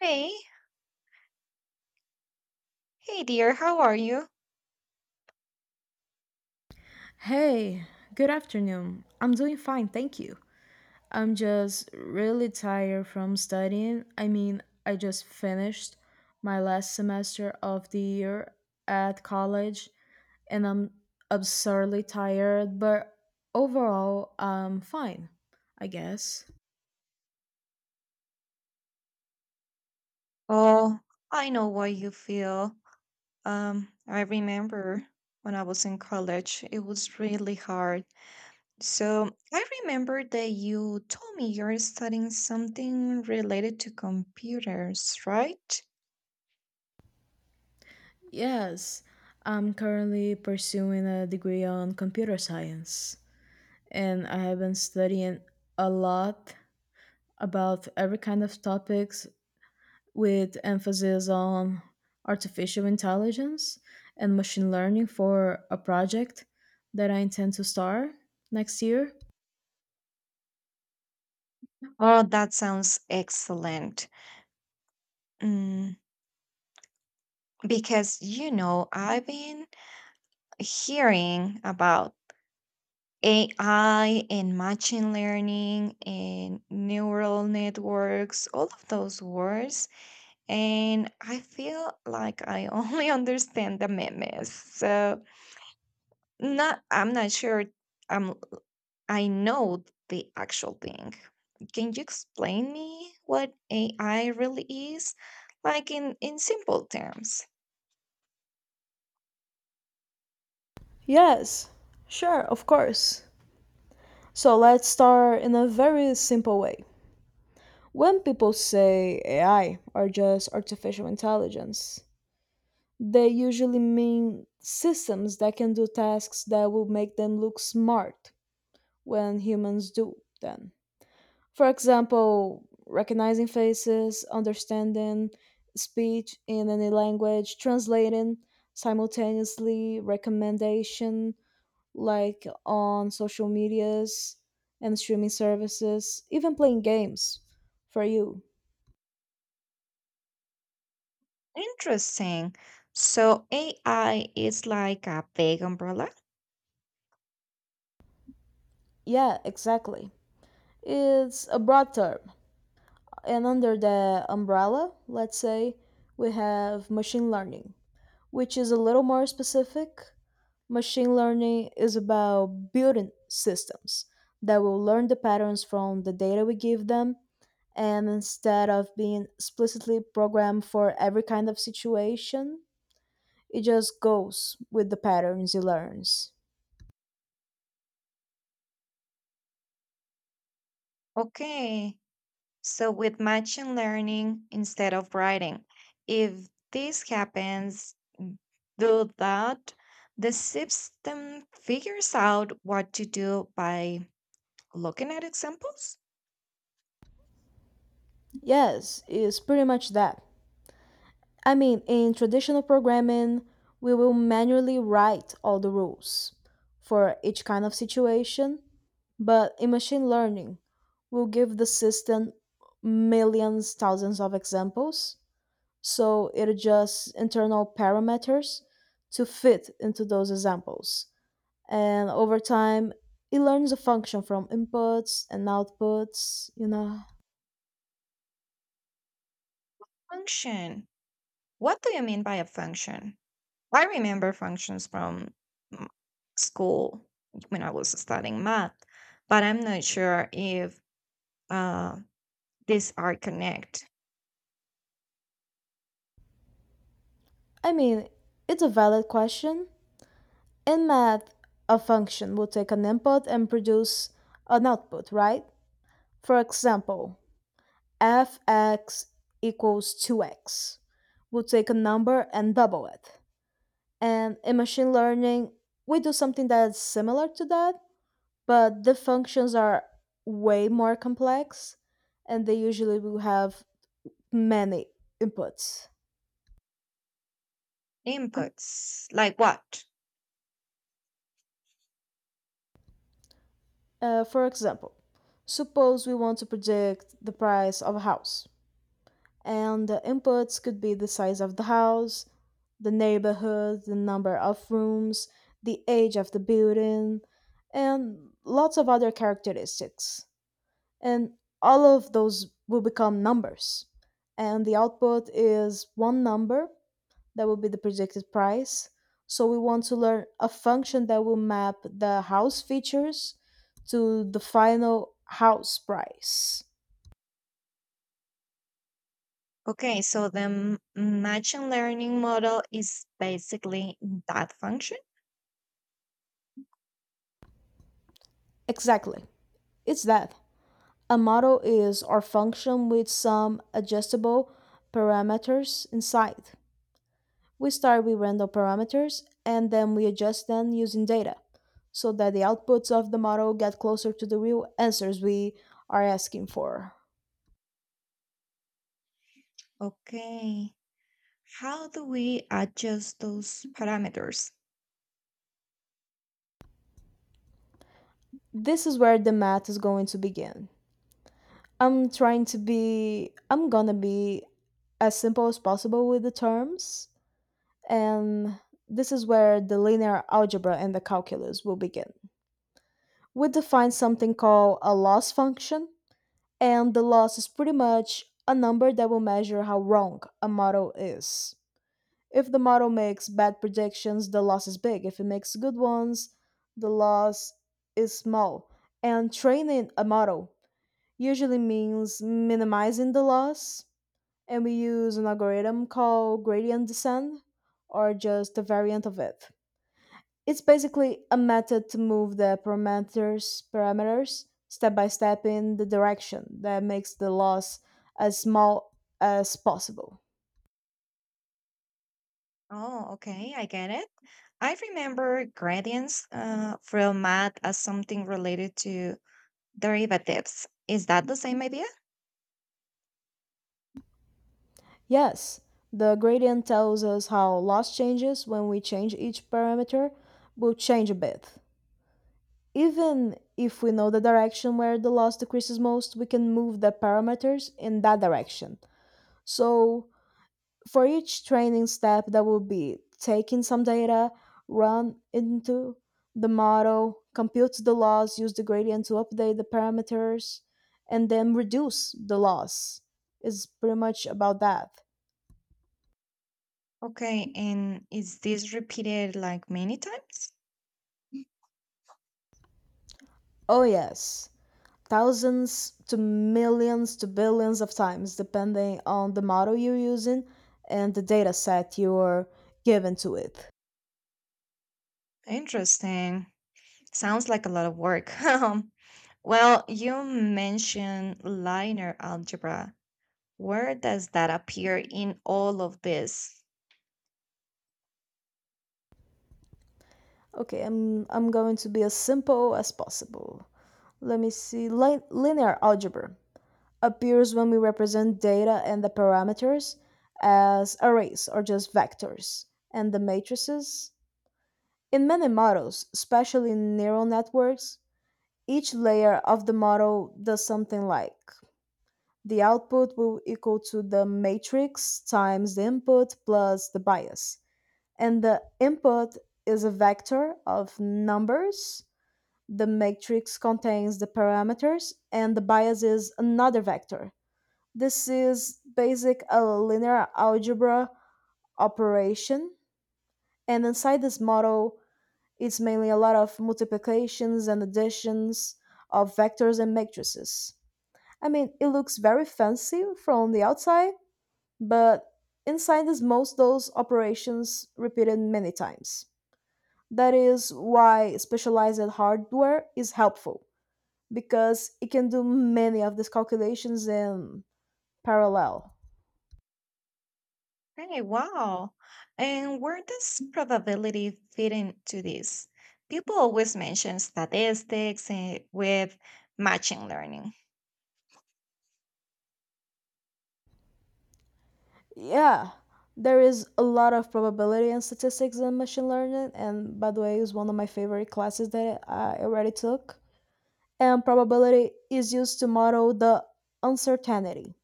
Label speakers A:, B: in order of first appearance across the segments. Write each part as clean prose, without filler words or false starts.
A: Hey, hey dear, how are you?
B: Hey, good afternoon. I'm doing fine, thank you. I'm just really tired from studying. I mean, I just finished my last semester of the year at college and I'm absurdly tired, but overall, I'm fine, I guess.
A: Oh, I know what you feel. I remember when I was in college, it was really hard. So I remember that you told me you're studying something related to computers, right?
B: Yes, I'm currently pursuing a degree on computer science and I have been studying a lot about every kind of topics with emphasis on artificial intelligence and machine learning for a project that I intend to start next year.
A: Oh, that sounds excellent. Mm, because, I've been hearing about AI and machine learning and neural networks, all of those words. And I feel like I only understand the memes. So not I'm not sure um I know the actual thing. Can you explain me what AI really is? Like in simple terms.
B: Yes, sure, of course. So let's start in a very simple way. When people say AI or just artificial intelligence, they usually mean systems that can do tasks that will make them look smart when humans do them. For example, recognizing faces, understanding speech in any language, translating simultaneously, recommendation like on social medias and streaming services, even playing games for you.
A: Interesting. So AI is like a big umbrella?
B: Yeah, exactly. It's a broad term. And under the umbrella, let's say, we have machine learning which is a little more specific. Machine learning is about building systems that will learn the patterns from the data we give them. And instead of being explicitly programmed for every kind of situation, it just goes with the patterns it learns.
A: Okay. So with machine learning instead of writing, if this happens, do that, the system figures out what to do by looking at examples.
B: Yes, it's pretty much that. I mean, in traditional programming, we will manually write all the rules for each kind of situation, but in machine learning, we'll give the system millions, thousands of examples, so it adjusts internal parameters to fit into those examples. And over time, it learns a function from inputs and outputs, you know.
A: Function. What do you mean by a function? I remember functions from mm, school when I was studying math, but I'm not sure if uh, these are connect
B: I mean, it's a valid question. In math, a function will take an input and produce an output, right? For example, fx equals 2x. We'll take a number and double it. And in machine learning, we do something that's similar to that, but the functions are way more complex and they usually will have many inputs.
A: inputs. Like what?
B: For example, suppose we want to predict the price of a house. And the inputs could be the size of the house, the neighborhood, the number of rooms, the age of the building, and lots of other characteristics. And all of those will become numbers. And the output is one number that will be the predicted price. So we want to learn a function that will map the house features to the final house price.
A: Okay, so the machine learning model is basically that function.
B: Exactly. It's that. A model is our function with some adjustable parameters inside. We start with random parameters and then we adjust them using data so that the outputs of the model get closer to the real answers we are asking for.
A: Okay. How do we adjust those parameters?
B: This is where the math is going to begin. I'm trying to be, I'm gonna be as simple as possible with the terms, and this is where the linear algebra and the calculus will begin. We define something called a loss function, and the loss is pretty much a number that will measure how wrong a model is. If the model makes bad predictions, the loss is big. If it makes good ones, the loss is small. And training a model usually means minimizing the loss, and we use an algorithm called gradient descent or just a variant of it. It's basically a method to move the parameters step by step in the direction that makes the loss as small as possible.
A: Oh, okay, I get it. I remember gradients from math as something related to derivatives. Is that the same idea?
B: Yes, the gradient tells us how loss changes when we change each parameter will change a bit. Even if we know the direction where the loss decreases most, we can move the parameters in that direction. So for each training step that would be taking some data, run into the model, compute the loss, use the gradient to update the parameters, and then reduce the loss. Is pretty much about that.
A: Okay, and is this repeated like many times?
B: Oh yes, thousands to millions to billions of times depending on the model you're using and the data set you're given to it.
A: Interesting. Sounds like a lot of work. Well, you mentioned linear algebra. Where does that appear in all of this?
B: Okay, I'm going to be as simple as possible. Let me see, linear algebra appears when we represent data and the parameters as arrays or just vectors and the matrices. In many models, especially in neural networks, each layer of the model does something like the output will equal to the matrix times the input plus the bias. And the input is a vector of numbers, the matrix contains the parameters, and the bias is another vector. This is basic a linear algebra operation, and inside this model, it's mainly a lot of multiplications and additions of vectors and matrices. I mean, it looks very fancy from the outside, but inside is most those operations repeated many times. That is why specialized hardware is helpful, because it can do many of these calculations in parallel.
A: Hey, wow. And where does probability fit into this? People always mention statistics with machine learning.
B: Yeah, there is a lot of probability and statistics in machine learning, and by the way, is one of my favorite classes that I already took. And probability is used to model the uncertainty.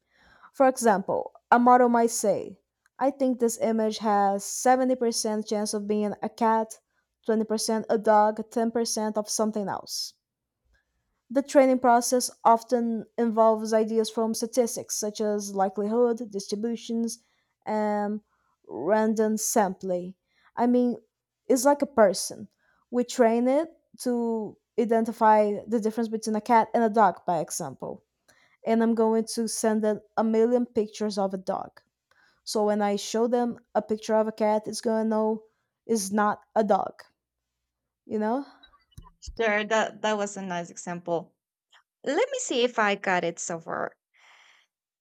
B: For example, a model might say, I think this image has 70% chance of being a cat, 20% a dog, 10% of something else. The training process often involves ideas from statistics such as likelihood, distributions, and random sampling. I mean, it's like a person. We train it to identify the difference between a cat and a dog, by example. And I'm going to send them a million pictures of a dog. So when I show them a picture of a cat, it's going to know it's not a dog, you know?
A: Sure, that was a nice example. Let me see if I got it so far.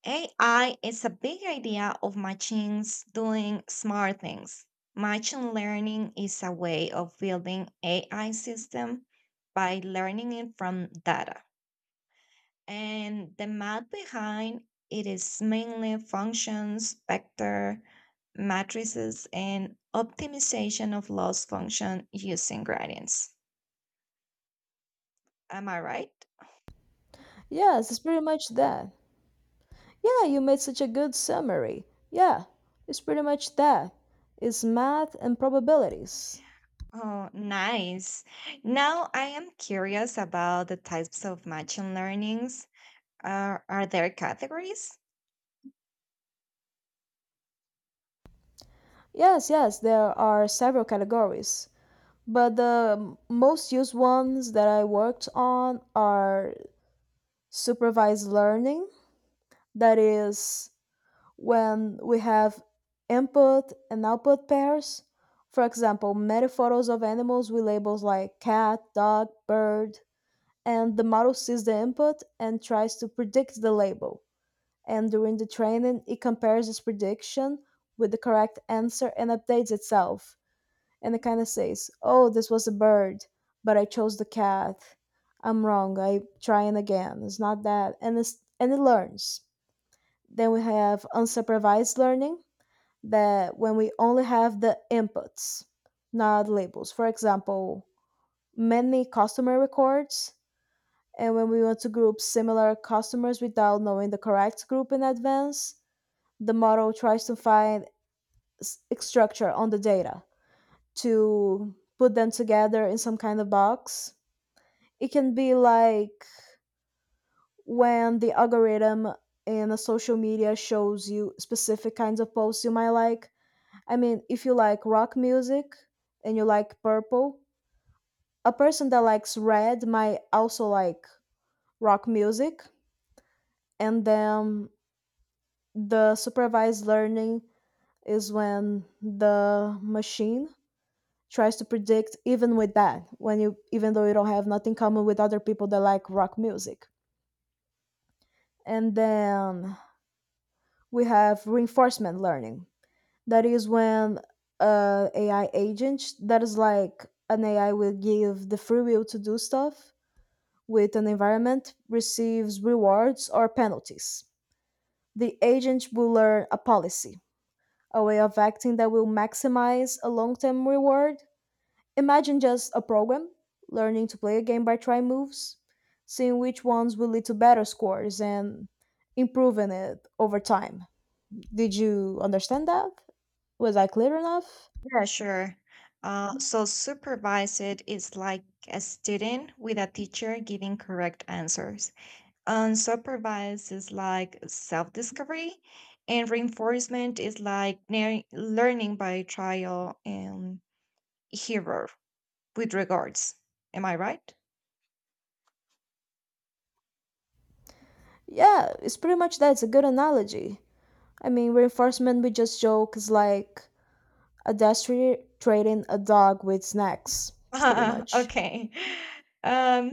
A: AI is a big idea of machines doing smart things. Machine learning is a way of building AI system by learning it from data. And the math behind it is mainly functions, vector, matrices, and optimization of loss function using gradients. Am I right?
B: Yes, it's pretty much that. Yeah, you made such a good summary. Yeah, it's pretty much that. It's math and probabilities.
A: Oh, nice. Now I am curious about the types of machine learnings. Are there categories?
B: Yes, yes, there are several categories, but the most used ones that I worked on are supervised learning, that is, when we have input and output pairs. For example, many photos of animals with labels like cat, dog, bird, and the model sees the input and tries to predict the label and during the training it compares its prediction with the correct answer and updates itself. And it kind of says, "Oh, this was a bird, but I chose the cat. I'm wrong. I trying again. It's not that." And it's, and it learns. Then we have unsupervised learning that when we only have the inputs, not labels. For example, many customer records and when we want to group similar customers without knowing the correct group in advance, the model tries to find structure on the data to put them together in some kind of box. It can be like when the algorithm in a social media shows you specific kinds of posts you might like. I mean, if you like rock music and you like purple, a person that likes red might also like rock music. And then the supervised learning is when the machine tries to predict even with that when you even though you don't have nothing in common with other people that like rock music. And then we have reinforcement learning that is when ai agent that is like an ai will give the free will to do stuff with an environment receives rewards or penalties, the agent will learn a policy, a way of acting that will maximize a long-term reward. Imagine just a program learning to play a game by trying moves, seeing which ones will lead to better scores, and improving it over time. Did you understand that? Was I clear enough?
A: Yeah, sure. So supervised is like a student with a teacher giving correct answers. Unsupervised is like self-discovery, and reinforcement is like learning by trial and error with regards. Am I right?
B: Yeah, it's pretty much that. It's a good analogy. I mean, reinforcement, we just joke, is like a destry trading a dog with snacks, pretty much.
A: okay. Um,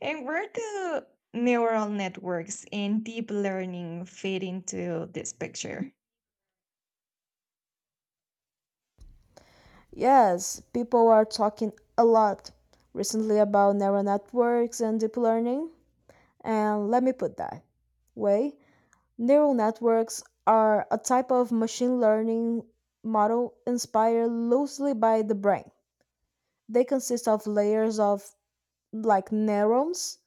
A: and where do neural networks and deep learning fit into this picture?
B: Yes, people are talking a lot recently about neural networks and deep learning. And let me put that way, neural networks are a type of machine learning model inspired loosely by the brain. They consist of layers of like neurons,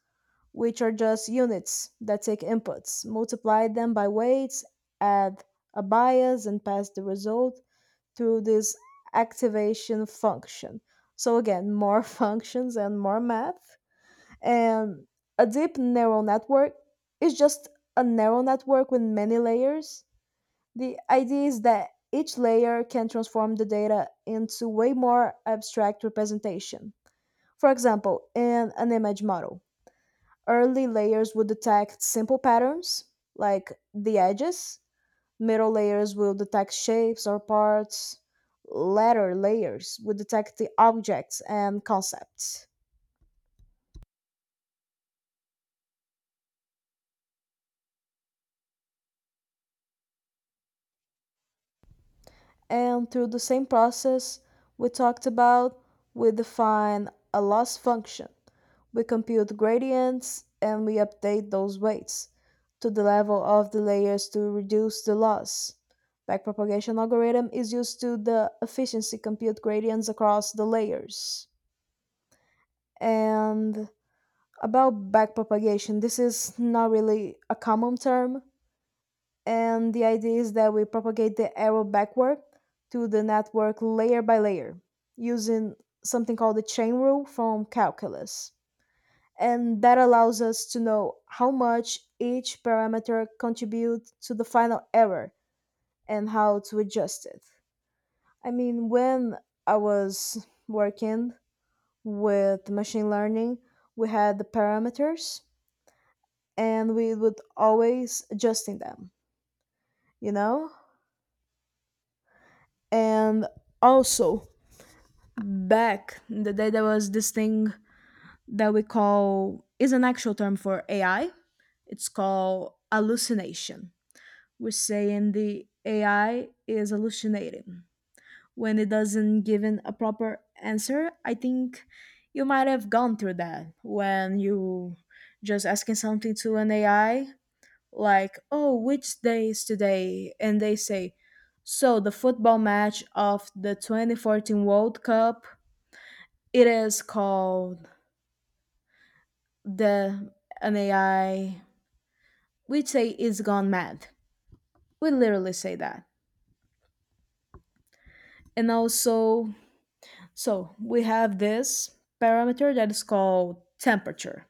B: which are just units that take inputs, multiply them by weights, add a bias, and pass the result through this activation function. So, again, more functions and more math. And a deep neural network is just a neural network with many layers. The idea is that each layer can transform the data into way more abstract representation. For example, in an image model, early layers would detect simple patterns like the edges, middle layers will detect shapes or parts, latter layers would detect the objects and concepts. And through the same process we talked about, we define a loss function. We compute gradients and we update those weights to the level of the layers to reduce the loss. Backpropagation algorithm is used to the efficiency compute gradients across the layers. And about backpropagation, this is not really a common term, and the idea is that we propagate the arrow backward to the network layer by layer using something called the chain rule from calculus. And that allows us to know how much each parameter contributes to the final error and how to adjust it. I mean, when I was working with machine learning, we had the parameters and we would always adjusting them, you know? And also back in the day there was this thing that we call is an actual term for AI. It's called hallucination. We're saying the AI is hallucinating when it doesn't give in a proper answer. I think you might have gone through that when you just asking something to an AI like, "Oh, which day is today?" and they say, "So the football match of the 2014 World Cup it is called the an AI." We say it's gone mad. We literally say that. And also, so we have this parameter that is called temperature.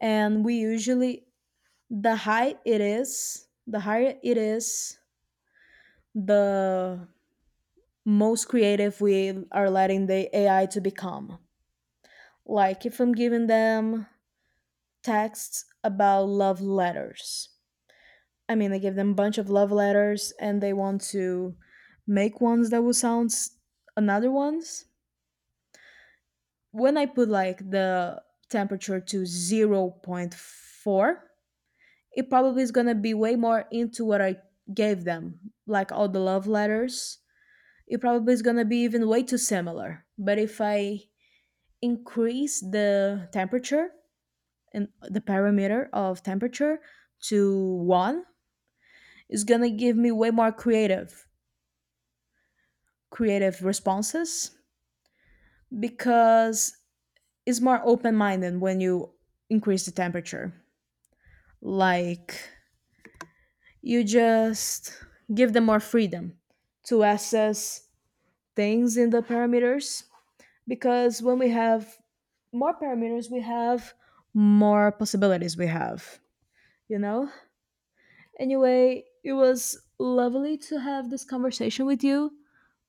B: And we usually, the high it is, the higher it is, the most creative we are letting the AI to become. Like if I'm giving them texts about love letters, I mean, they give them a bunch of love letters and they want to make ones that will sound another ones. When I put like the temperature to zero point 0.4, it probably is going to be way more into what I gave them, like all the love letters. It probably is going to be even way too similar. But if I increase the temperature and the parameter of temperature to 1, it's going to give me way more creative responses because it's more open minded when you increase the temperature. Like you just give them more freedom to assess things in the parameters because when we have more parameters, we have more possibilities we have, you know? Anyway, it was lovely to have this conversation with you,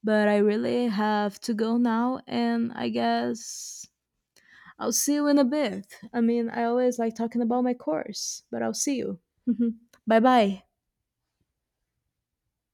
B: but I really have to go now and I guess I'll see you in a bit. I mean, I always like talking about my course, but I'll see you. Bye bye.